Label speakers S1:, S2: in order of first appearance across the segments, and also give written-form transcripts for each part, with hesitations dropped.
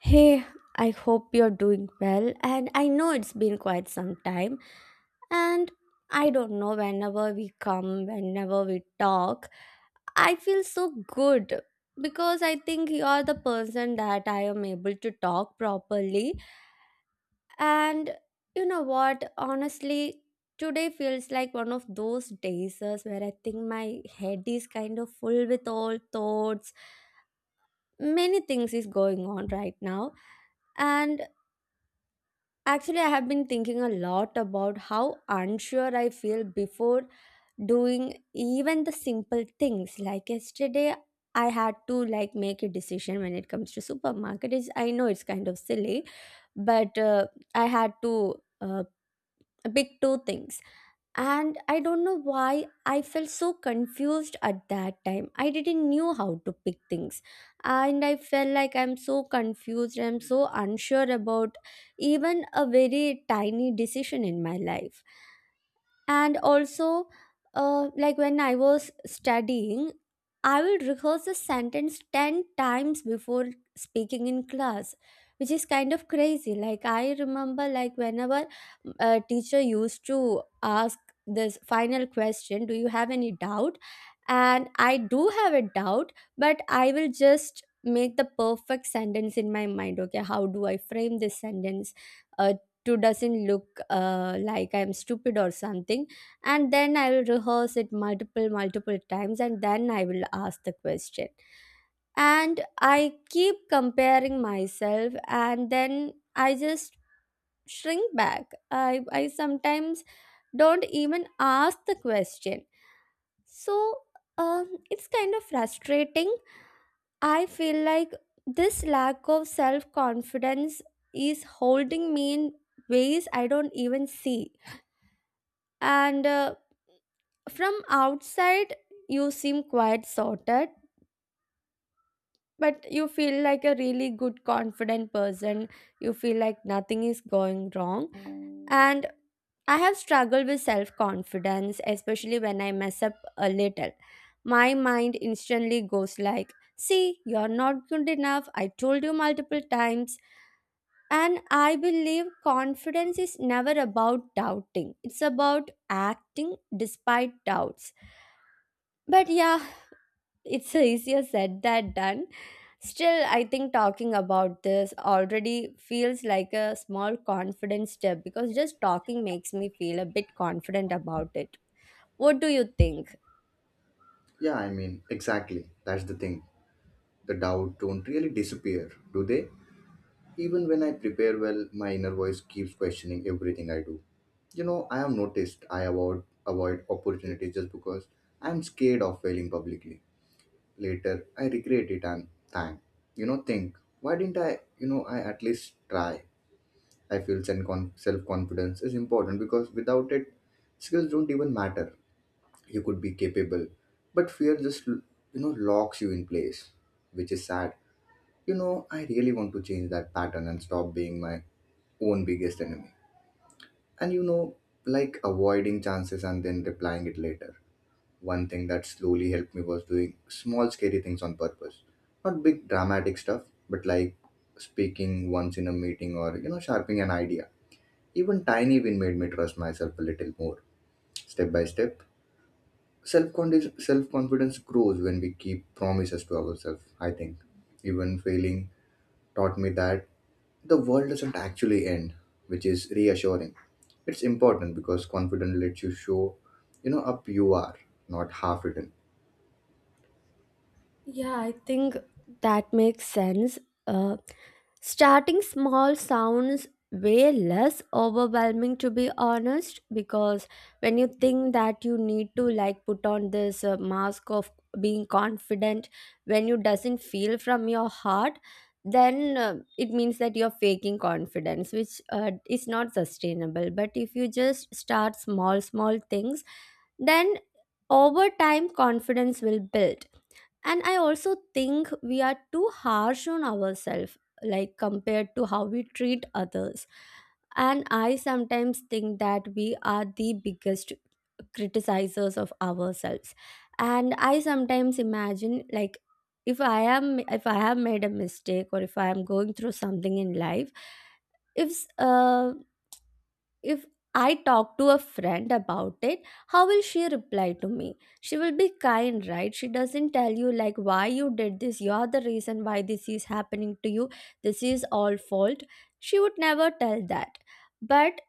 S1: Hey, I hope you're doing well, and I know it's been quite some time. And I don't know, whenever we come, whenever we talk, I feel so good because I think you're the person that I am able to talk properly. And you know what? Honestly, today feels like one of those days where I think my head is kind of full with all thoughts. Many things is going on right now. And actually, I have been thinking a lot about how unsure I feel before doing even the simple things. Like yesterday, I had to like make a decision when it comes to supermarket. It's, I know it's kind of silly, but I had to pick two things. And I don't know why I felt so confused at that time. I didn't knew how to pick things, and I felt like I'm so confused, I'm so unsure about even a very tiny decision in my life. And also, like when I was studying, I will rehearse a sentence 10 times before speaking in class, which is kind of crazy. Like I remember, like whenever a teacher used to ask this final question, "Do you have any doubt?" And I do have a doubt, but I will just make the perfect sentence in my mind. Okay, how do I frame this sentence, uh, to doesn't look like I'm stupid or something? And then I will rehearse it multiple times and then I will ask the question. And I keep comparing myself and then I just shrink back. I sometimes don't even ask the question. So it's kind of frustrating. I feel like this lack of self confidence is holding me in ways I don't even see. And from outside, you seem quite sorted, but you feel like a really good confident person. You feel like nothing is going wrong. And I have struggled with self confidence, especially when I mess up a little. My mind instantly goes like, "See, you're not good enough. I told you multiple times." And I believe confidence is never about doubting, it's about acting despite doubts. But yeah, it's easier said than done. Still, I think talking about this already feels like a small confidence step because just talking makes me feel a bit confident about it. What do you think?
S2: Yeah, I mean, exactly. That's the thing. The doubt don't really disappear, do they? Even when I prepare well, my inner voice keeps questioning everything I do. You know, I have noticed I avoid opportunities just because I'm scared of failing publicly. Later, I regret it and thank. Think why didn't I? I at least try. I feel self confidence is important because without it, skills don't even matter. You could be capable, but fear just, you know, locks you in place, which is sad. You know, I really want to change that pattern and stop being my own biggest enemy. And, you know, like avoiding chances and then replying it later. One thing that slowly helped me was doing small scary things on purpose, not big dramatic stuff, but like speaking once in a meeting or, you know, sharpening an idea. Even tiny win made me trust myself a little more, step by step. Self-confidence grows when we keep promises to ourselves, I think. Even failing taught me that the world doesn't actually end, which is reassuring. It's important because confidence lets you show, you know, up you are, not half written.
S1: Yeah, I think that makes sense. Uh, Starting small sounds way less overwhelming, to be honest, because when you think that you need to like put on this mask of being confident when you doesn't feel from your heart, then it means that you're faking confidence, which is not sustainable. But if you just start small, small things, then over time confidence will build. And I also think we are too harsh on ourselves, like compared to how we treat others. And I sometimes think that we are the biggest criticizers of ourselves. And I sometimes imagine, like, if I have made a mistake or if I am going through something in life, if uh, if I talk to a friend about it, how will she reply to me? She will be kind, right? She doesn't tell you like, "Why you did this, you're the reason why this is happening to you, this is all fault." She would never tell that. But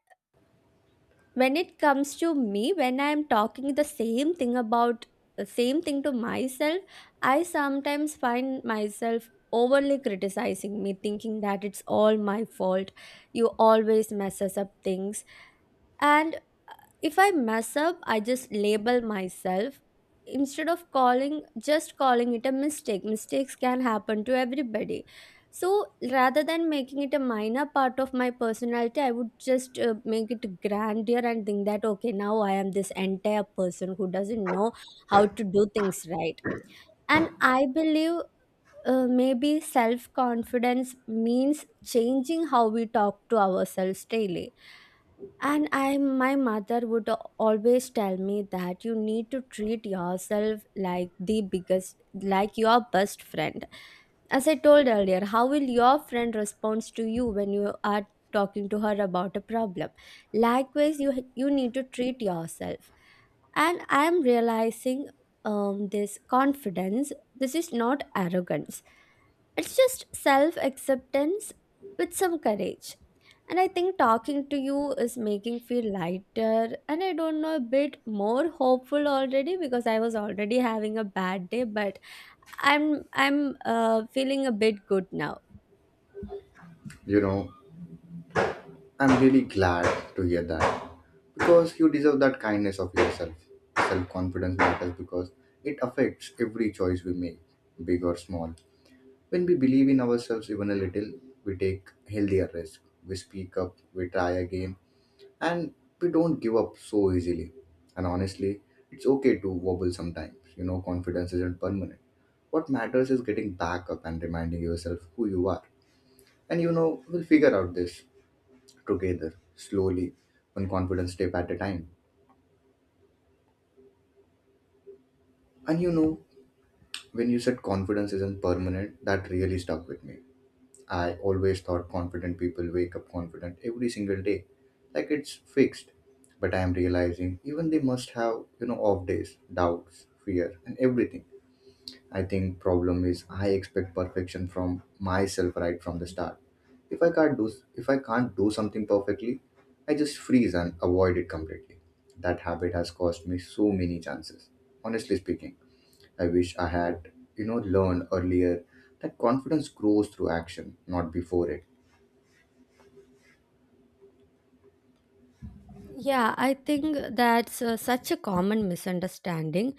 S1: when it comes to me, when I am talking the same thing to myself, I sometimes find myself overly criticizing me, thinking that it's all my fault. You always messes up things. And if I mess up, I just label myself instead of calling just calling it a mistake. Mistakes can happen to everybody. So rather than making it a minor part of my personality, I would just make it grander and think that, okay, now I am this entire person who doesn't know how to do things right. And I believe maybe self confidence means changing how we talk to ourselves daily. And I, my mother would always tell me that you need to treat yourself like the biggest, like your best friend. As I told earlier, how will your friend respond to you when you are talking to her about a problem? Likewise, you need to treat yourself. And I am realizing, this confidence. This is not arrogance, it's just self acceptance with some courage. And I think talking to you is making feel lighter and I don't know, a bit more hopeful already because I was already having a bad day, but I'm feeling a bit good now.
S2: You know, I'm really glad to hear that, because you deserve that kindness of yourself. Self-confidence matters because it affects every choice we make, big or small. When we believe in ourselves even a little, we take healthier risks. We speak up, we try again, and we don't give up so easily. And honestly, it's okay to wobble sometimes. You know, confidence isn't permanent. What matters is getting back up and reminding yourself who you are. And you know, we'll figure out this together, slowly, one confidence step at a time. And you know, when you said confidence isn't permanent, that really stuck with me. I always thought confident people wake up confident every single day, like it's fixed. But I am realizing even they must have, you know, off days, doubts, fear, and everything. I think problem is I expect perfection from myself right from the start. If I can't do something perfectly, I just freeze and avoid it completely. That habit has cost me so many chances. Honestly speaking. I wish I had, you know, learned earlier that confidence grows through action, not before it.
S1: Yeah, I think that's such a common misunderstanding.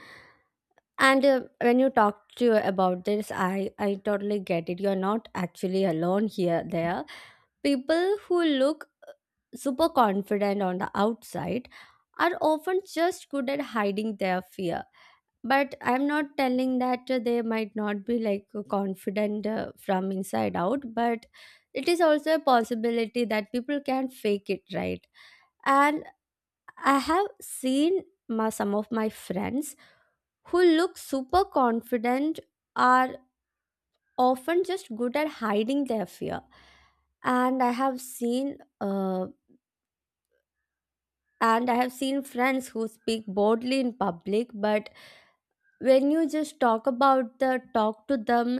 S1: And when you talk to about this, I totally get it. You're not actually alone here. There, people who look super confident on the outside are often just good at hiding their fear. But I'm not telling that they might not be like confident from inside out. But it is also a possibility that people can fake it, right? And I have seen my, some of my friends who look super confident are. Often just good at hiding their fear. And I have seen friends who speak boldly in public, but when you just talk to them,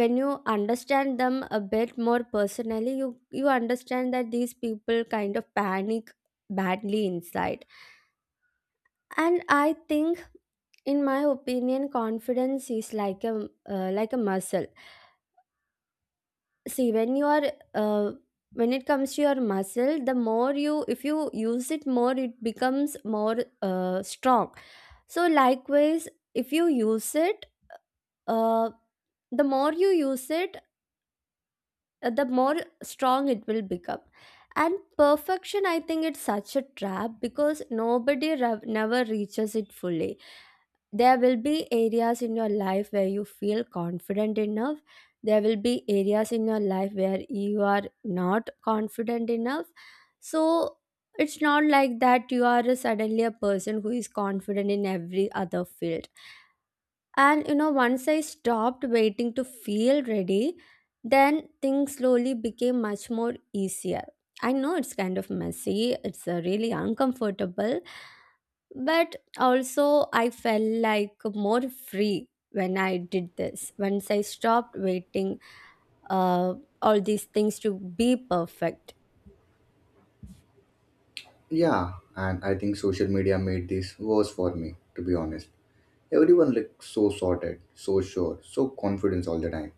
S1: when you understand them a bit more personally, you understand that these people kind of panic badly inside. And I think, in my opinion, confidence is like a muscle. See, when you are when it comes to your muscle, the more you if you use it more, it becomes more strong. So likewise, if you use it uh, the more you use it, the more strong it will become. And perfection, I think it's such a trap because nobody never reaches it fully. There will be areas in your life where you feel confident enough. There will be areas in your life where you are not confident enough. So it's not like that you are suddenly a person who is confident in every other field. And you know, once I stopped waiting to feel ready, then things slowly became much more easier. I know it's kind of messy, it's really uncomfortable. But also I felt like more free when I did this, once I stopped waiting, uh, all these things to be perfect.
S2: Yeah, and I think social media made this worse for me, to be honest. Everyone looks so sorted, so sure, so confident all the time.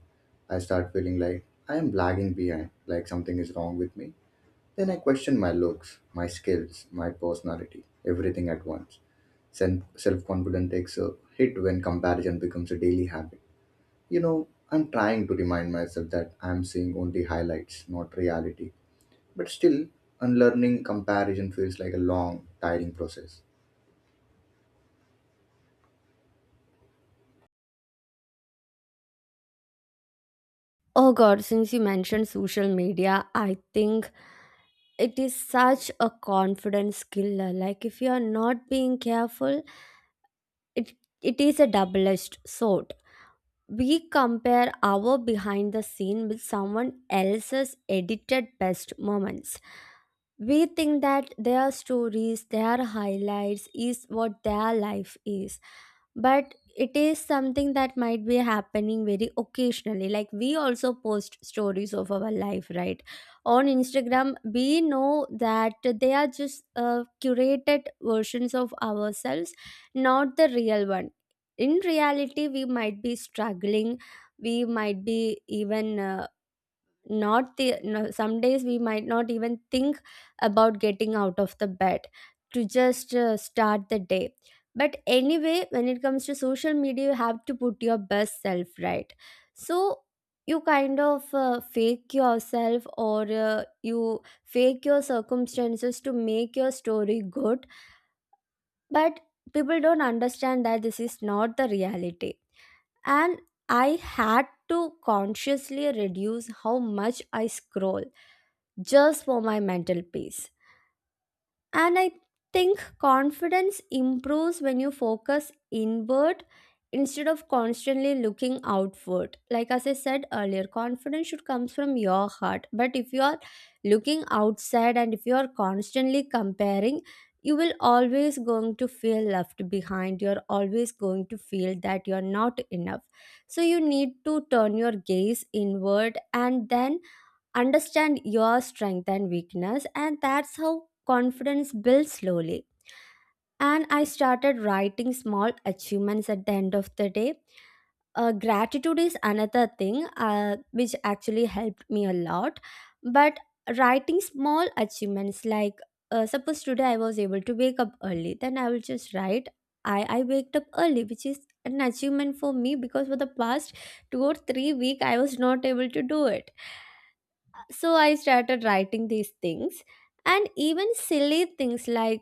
S2: I start feeling like I am lagging behind, like something is wrong with me. Then I question my looks, my skills, my personality, everything at once. Self confidence takes a hit when comparison becomes a daily habit. You know, I'm trying to remind myself that I'm seeing only highlights, not reality. But still, unlearning comparison feels like a long, tiring process.
S1: Oh god, since you mentioned social media, I think it is such a confidence killer. Like if you are not being careful, it it is a double edged sword. We compare our behind the scene with someone else's edited best moments. We think that their stories, their highlights is what their life is. But it is something that might be happening very occasionally. Like we also post stories of our life, right? On Instagram, we know that they are just curated versions of ourselves, not the real one. In reality, we might be struggling, we might be even not the no, some days we might not even think about getting out of the bed to just start the day. But anyway, when it comes to social media, you have to put your best self, right? So you kind of fake yourself or you fake your circumstances to make your story good. But people don't understand that this is not the reality. And I had to consciously reduce how much I scroll, just for my mental peace. And I think confidence improves when you focus inward instead of constantly looking outward. Like as I said earlier, confidence should comes from your heart. But if you are looking outside and if you are constantly comparing, you will always going to feel left behind. You're always going to feel that you're not enough. So you need to turn your gaze inward and then understand your strength and weakness, and that's how confidence builds slowly. And I started writing small achievements at the end of the day. Gratitude is another thing which actually helped me a lot. But writing small achievements like, suppose today I was able to wake up early, then I will just write, I waked up early, which is an achievement for me because for the past 2 or 3 week I was not able to do it. So I started writing these things. And even silly things like,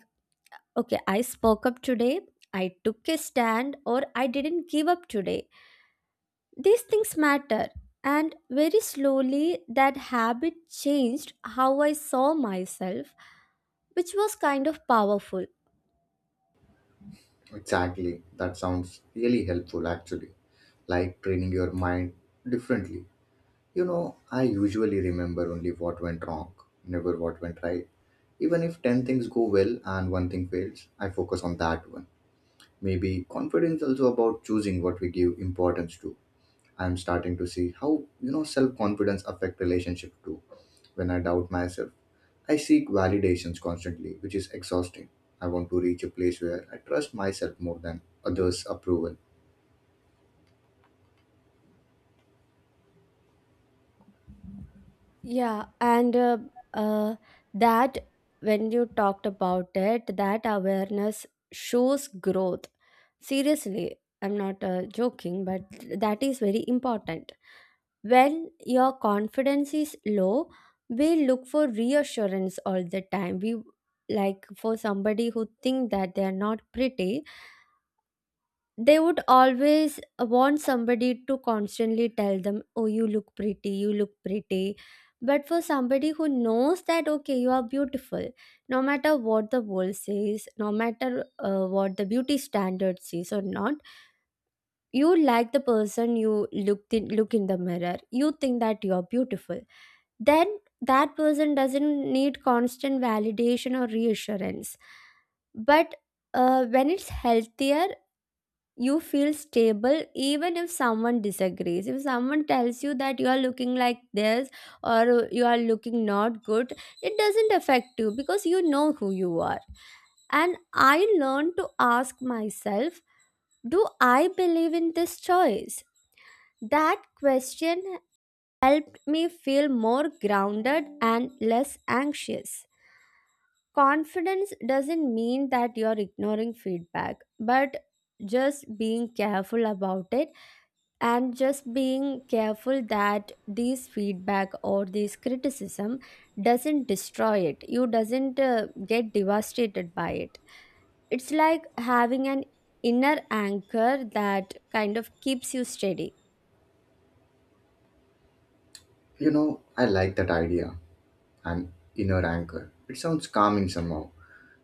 S1: okay, I spoke up today, I took a stand, or I didn't give up today. These things matter. And very slowly, that habit changed how I saw myself, which was kind of powerful.
S2: Exactly. That sounds really helpful, actually. Like training your mind differently. You know, I usually remember only what went wrong, never what went right. Even if 10 things go well and one thing fails, I focus on that one. Maybe confidence also about choosing what we give importance to. I'm starting to see how, you know, self-confidence affect relationship too. When I doubt myself, I seek validations constantly, which is exhausting. I want to reach a place where I trust myself more than others' approval.
S1: Yeah, and uh, that when you talked about it, that awareness shows growth. Seriously, I'm not joking, but that is very important. When your confidence is low, we look for reassurance all the time. We like for somebody who think that they are not pretty, they would always want somebody to constantly tell them, "Oh, you look pretty, you look pretty." But for somebody who knows that, okay, you are beautiful, no matter what the world says, no matter what the beauty standards is or not, you like the person you look in the mirror you think that you're beautiful. Then that person doesn't need constant validation or reassurance. But when it's healthier, you feel stable even if someone disagrees, if someone tells you that you are looking like this or you are looking not good, it doesn't affect you because you know who you are. And I learned to ask myself, do I believe in this choice? That question helped me feel more grounded and less anxious. Confidence doesn't mean that you're ignoring feedback, but just being careful about it, and just being careful that these feedback or this criticism doesn't destroy it, you doesn't get devastated by it. It's like having an inner anchor that kind of keeps you steady.
S2: You know, I like that idea, an inner anchor. It sounds calming somehow.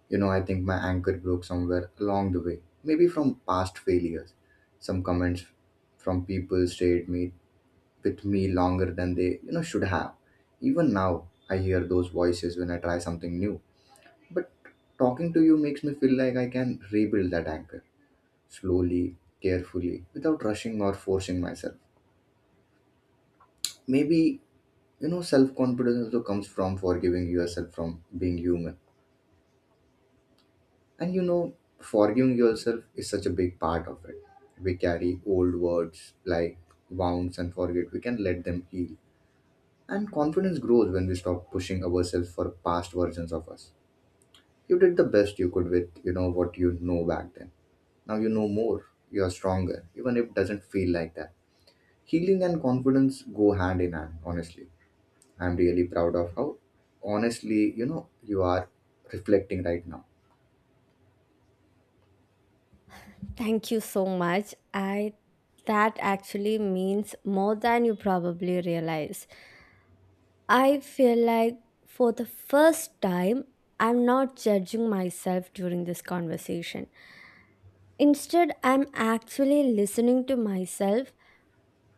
S2: You know, I think my anchor broke somewhere along the way, maybe from past failures. Some comments from people stayed me with me longer than they, you know, should have. Even now I hear those voices when I try something new. But talking to you makes me feel like I can rebuild that anchor, slowly, carefully, without rushing or forcing myself. Maybe, you know, self confidence also comes from forgiving yourself, from being human. And you know, forgiving yourself is such a big part of it. We carry old words like wounds and forget we can let them heal. And confidence grows when we stop pushing ourselves for past versions of us. You did the best you could with, you know, what you know back then. Now you know more. You are stronger, even if it doesn't feel like that. Healing and confidence go hand in hand, honestly. I'm really proud of how, honestly, you know, you are reflecting right now.
S1: Thank you so much. I, that actually means more than you probably realize. I feel like for the first time I'm not judging myself during this conversation. Instead, I'm actually listening to myself,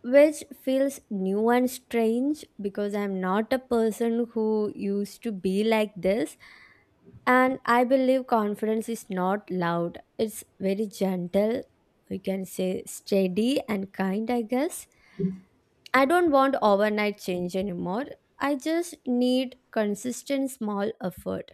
S1: which feels new and strange because I'm not a person who used to be like this. And I believe confidence is not loud, it's very gentle, you can say steady and kind, I guess. I don't want overnight change anymore. I just need consistent small effort.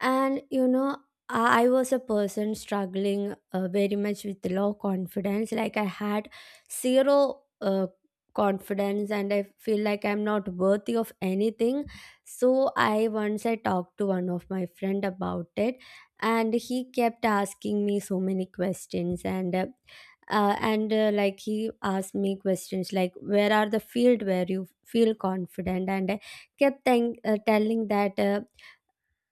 S1: And you know, I was a person struggling very much with low confidence. Like I had zero confidence and I feel like I'm not worthy of anything. So I once I talked to one of my friend about it, and he kept asking me so many questions, and like he asked me questions like, where are the field where you feel confident? And I kept telling that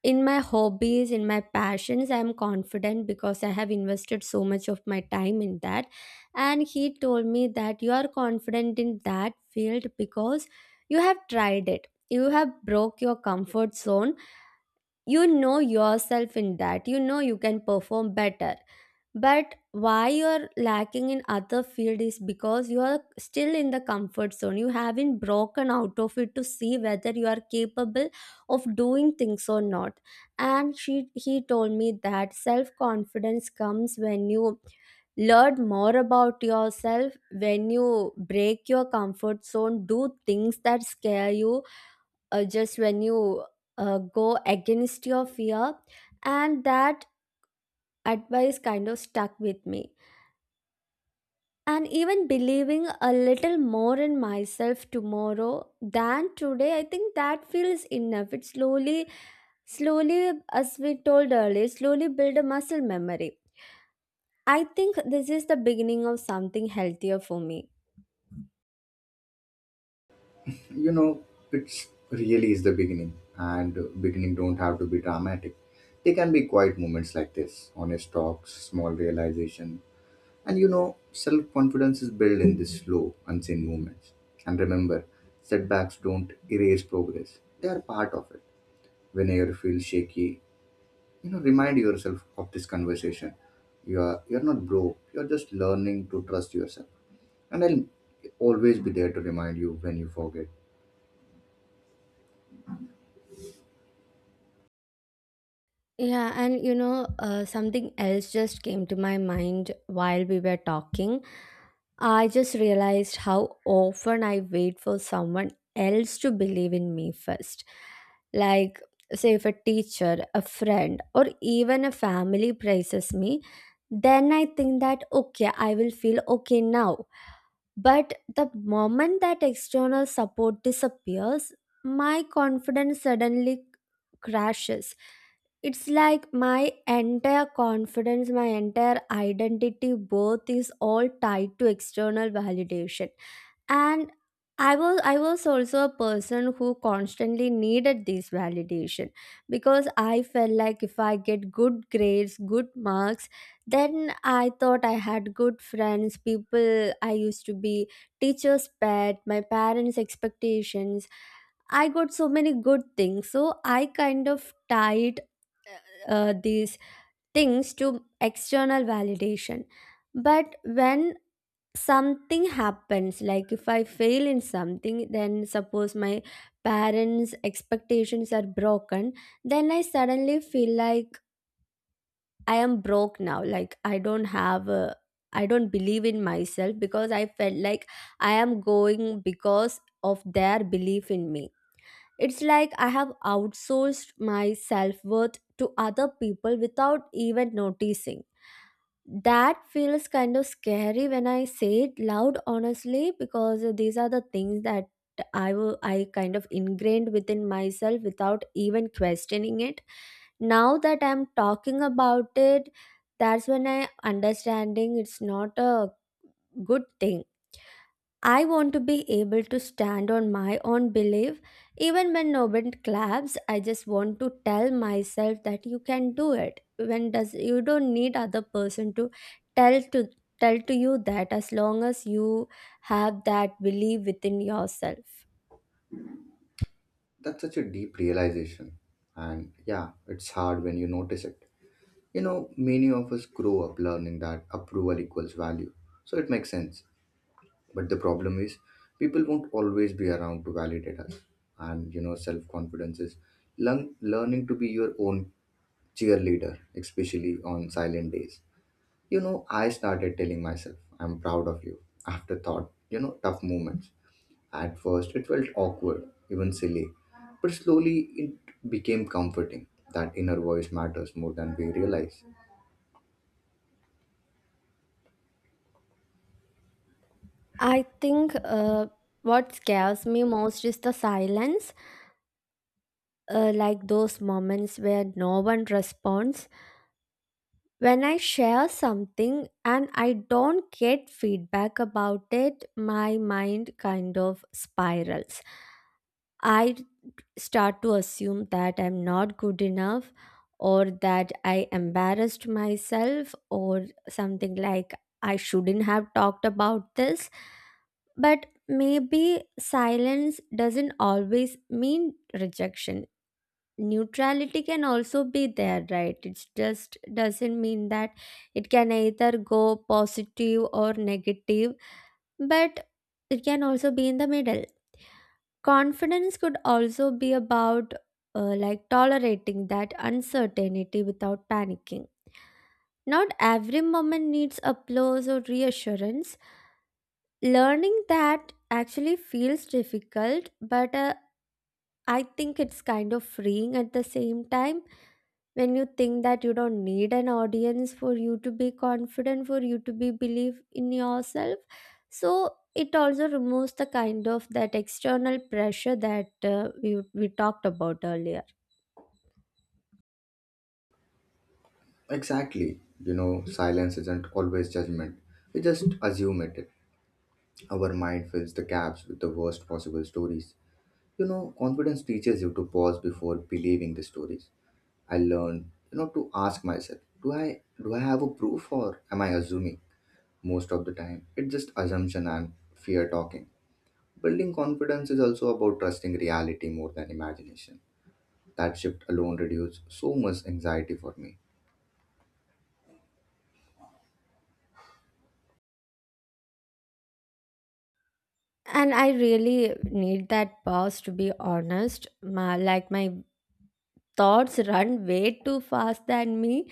S1: in my hobbies, in my passions, I'm confident because I have invested so much of my time in that. And he told me that you are confident in that field because you have tried it, you have broke your comfort zone, you know yourself in that, you know you can perform better. But why you're lacking in other field is because you are still in the comfort zone, you haven't broken out of it to see whether you are capable of doing things or not. And she he told me that self confidence comes when you learn more about yourself, when you break your comfort zone, do things that scare you, just when you go against your fear. And that advice kind of stuck with me. And even believing a little more in myself tomorrow than today, I think that feels enough. It slowly, slowly, as we told earlier, slowly build a muscle memory. I think this is the beginning of something healthier for me.
S2: You know, it's really is the beginning, and beginning don't have to be dramatic. They can be quiet moments like this, honest talks, small realization. And you know, self confidence is built in these slow, unseen movements. And remember, setbacks don't erase progress, they are part of it. Whenever you feel shaky, you know, remind yourself of this conversation. You're not broke, you're just learning to trust yourself. And I'll always be there to remind you when you forget.
S1: Yeah, and you know, something else just came to my mind while we were talking. I just realized how often I wait for someone else to believe in me first. Like, say, if a teacher, a friend, or even a family praises me, then I think that, okay, I will feel okay now. But the moment that external support disappears, my confidence suddenly crashes. It's like my entire confidence, my entire identity, both is all tied to external validation. And I was also a person who constantly needed this validation, because I felt like if I get good grades, good marks, then I thought I had good friends, people I used to be teachers pet, my parents expectations, I got so many good things. So I kind of tied these things to external validation. But when something happens, like if I fail in something, then suppose my parents expectations are broken, then I suddenly feel like I am broke now, like I don't have I don't believe in myself, because I felt like I am going because of their belief in me. It's like I have outsourced my self-worth to other people without even noticing. That feels kind of scary when I say it loud, honestly, because these are the things that I kind of ingrained within myself without even questioning it. Now that I'm talking about it, that's when I understanding it's not a good thing. I want to be able to stand on my own belief. Even when no one claps, I just want to tell myself that you can do it. When does you don't need other person to tell to tell to you that, as long as you have that belief within yourself.
S2: That's such a deep realization. And yeah, it's hard when you notice it. You know, many of us grow up learning that approval equals value. So it makes sense. But the problem is, people won't always be around to validate us. And you know, self confidence is learning to be your own cheerleader, especially on silent days. You know, I started telling myself, I'm proud of you after thought, you know, tough moments. At first, it felt awkward, even silly, but slowly it became comforting. That inner voice matters more than we realize.
S1: I think what scares me most is the silence, like those moments where no one responds. When I share something and I don't get feedback about it, my mind kind of spirals. I start to assume that I'm not good enough, or that I embarrassed myself, or something like I shouldn't have talked about this. But maybe silence doesn't always mean rejection. Neutrality can also be there, right? It just doesn't mean that it can either go positive or negative, but it can also be in the middle. Confidence could also be about like tolerating that uncertainty without panicking. Not every moment needs applause or reassurance. Learning that actually feels difficult, but I think it's kind of freeing at the same time, when you think that you don't need an audience for you to be confident, for you to be believe in yourself. So it also removes the kind of that external pressure that we talked about earlier.
S2: Exactly, you know, silence isn't always judgment. We just assume it. Our mind fills the gaps with the worst possible stories. You know, confidence teaches you to pause before believing the stories. I learned, you know, to ask myself, do I have a proof, or am I assuming? Most of the time, it's just assumption and fear talking. Building confidence is also about trusting reality more than imagination. That shift alone reduced so much anxiety for me.
S1: And I really need that pause, to be honest. My, like my thoughts run way too fast than me.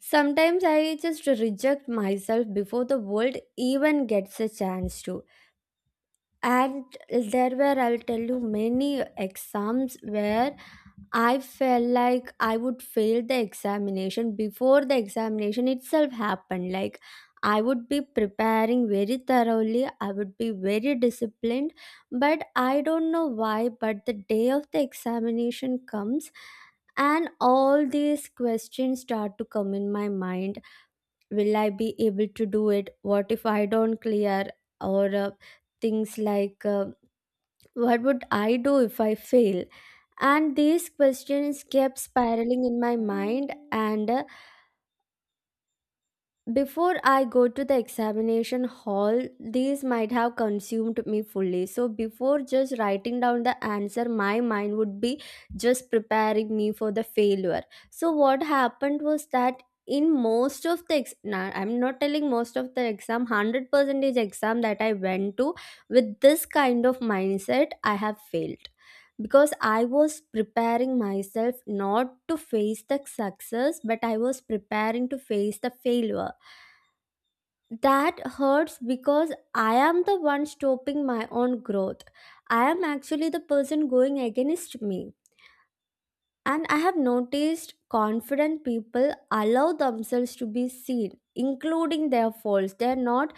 S1: Sometimes I just reject myself before the world even gets a chance to. And there were, I'll tell you, many exams where I felt like I would fail the examination before the examination itself happened. Like I would be preparing very thoroughly, I would be very disciplined, but I don't know why. But the day of the examination comes, and all these questions start to come in my mind. Will I be able to do it? What if I don't clear? Or things like what would I do if I fail? And these questions kept spiraling in my mind, and before I go to the examination hall, these might have consumed me fully. So, before just writing down the answer, my mind would be just preparing me for the failure. So, what happened was that in most of the I'm not telling most of the exam, 100 percentage exam that I went to with this kind of mindset I have failed, because I was preparing myself not to face the success, but I was preparing to face the failure. That hurts because I am the one stopping my own growth. I am actually the person going against me. And I have noticed confident people allow themselves to be seen, including their faults. They are not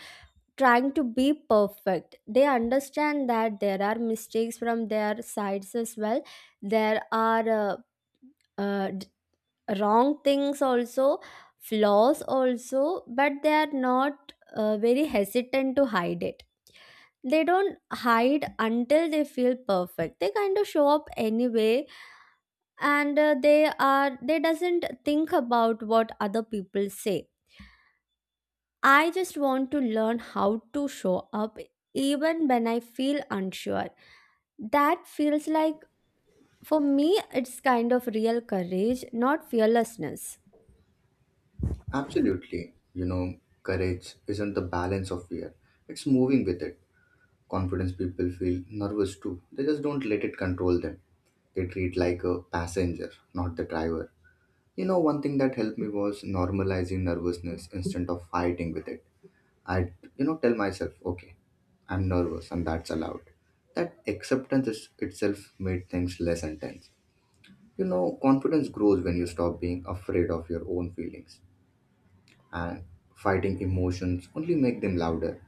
S1: trying to be perfect. They understand that there are mistakes from their sides as well. There are uh, wrong things also, flaws also, but they are not very hesitant to hide it. They don't hide until they feel perfect, they kind of show up anyway. And they are, they doesn't think about what other people say. I just want to learn how to show up even when I feel unsure. That feels like, for me, it's kind of real courage, not fearlessness.
S2: Absolutely, you know, courage isn't the balance of fear. It's moving with it. Confidence people feel nervous too. They just don't let it control them. They treat like a passenger, not the driver. You know, one thing that helped me was normalizing nervousness instead of fighting with it. I, you know, tell myself, okay, I'm nervous and that's allowed. That acceptance is itself made things less intense. You know, confidence grows when you stop being afraid of your own feelings, and fighting emotions only make them louder.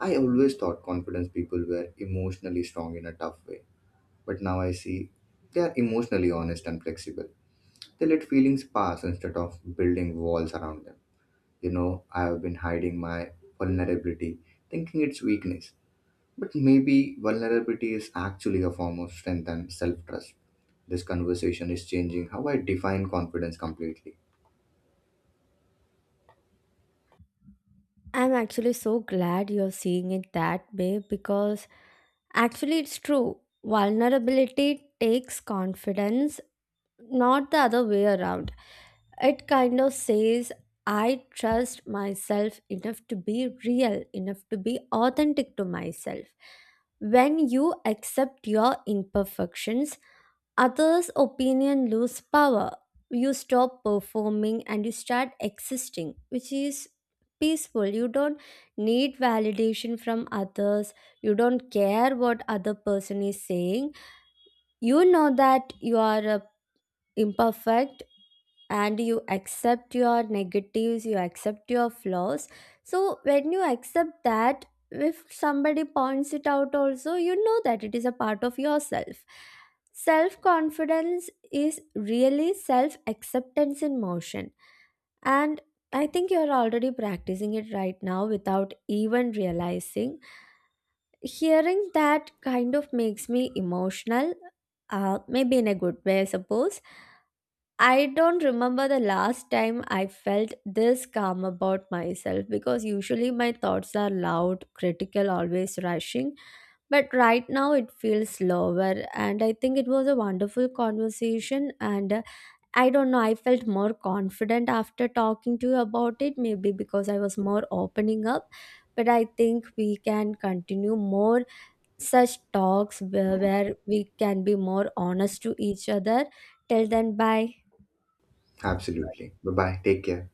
S2: I always thought confidence people were emotionally strong in a tough way. But now I see they are emotionally honest and flexible. They let feelings pass instead of building walls around them. You know, I have been hiding my vulnerability, thinking it's weakness. But maybe vulnerability is actually a form of strength and self trust. This conversation is changing how I define confidence completely.
S1: I'm actually so glad you're seeing it that way, because actually it's true. Vulnerability takes confidence, not the other way around. It kind of says, I trust myself enough to be real, enough to be authentic to myself. When you accept your imperfections, others' opinion lose power. You stop performing and you start existing, which is peaceful. You don't need validation from others. You don't care what other person is saying. You know that you are imperfect, and you accept your negatives, you accept your flaws. So when you accept that, if somebody points it out also, you know that it is a part of yourself. Self confidence is really self acceptance in motion. And I think you are already practicing it right now without even realizing. Hearing that kind of makes me emotional, maybe in a good way, I suppose. I don't remember the last time I felt this calm about myself, because usually my thoughts are loud, critical, always rushing. But right now it feels slower, and I think it was a wonderful conversation. And I don't know, I felt more confident after talking to you about it, maybe because I was more opening up. But I think we can continue more such talks where we can be more honest to each other. Till then, bye.
S2: Absolutely. Bye bye. Take care.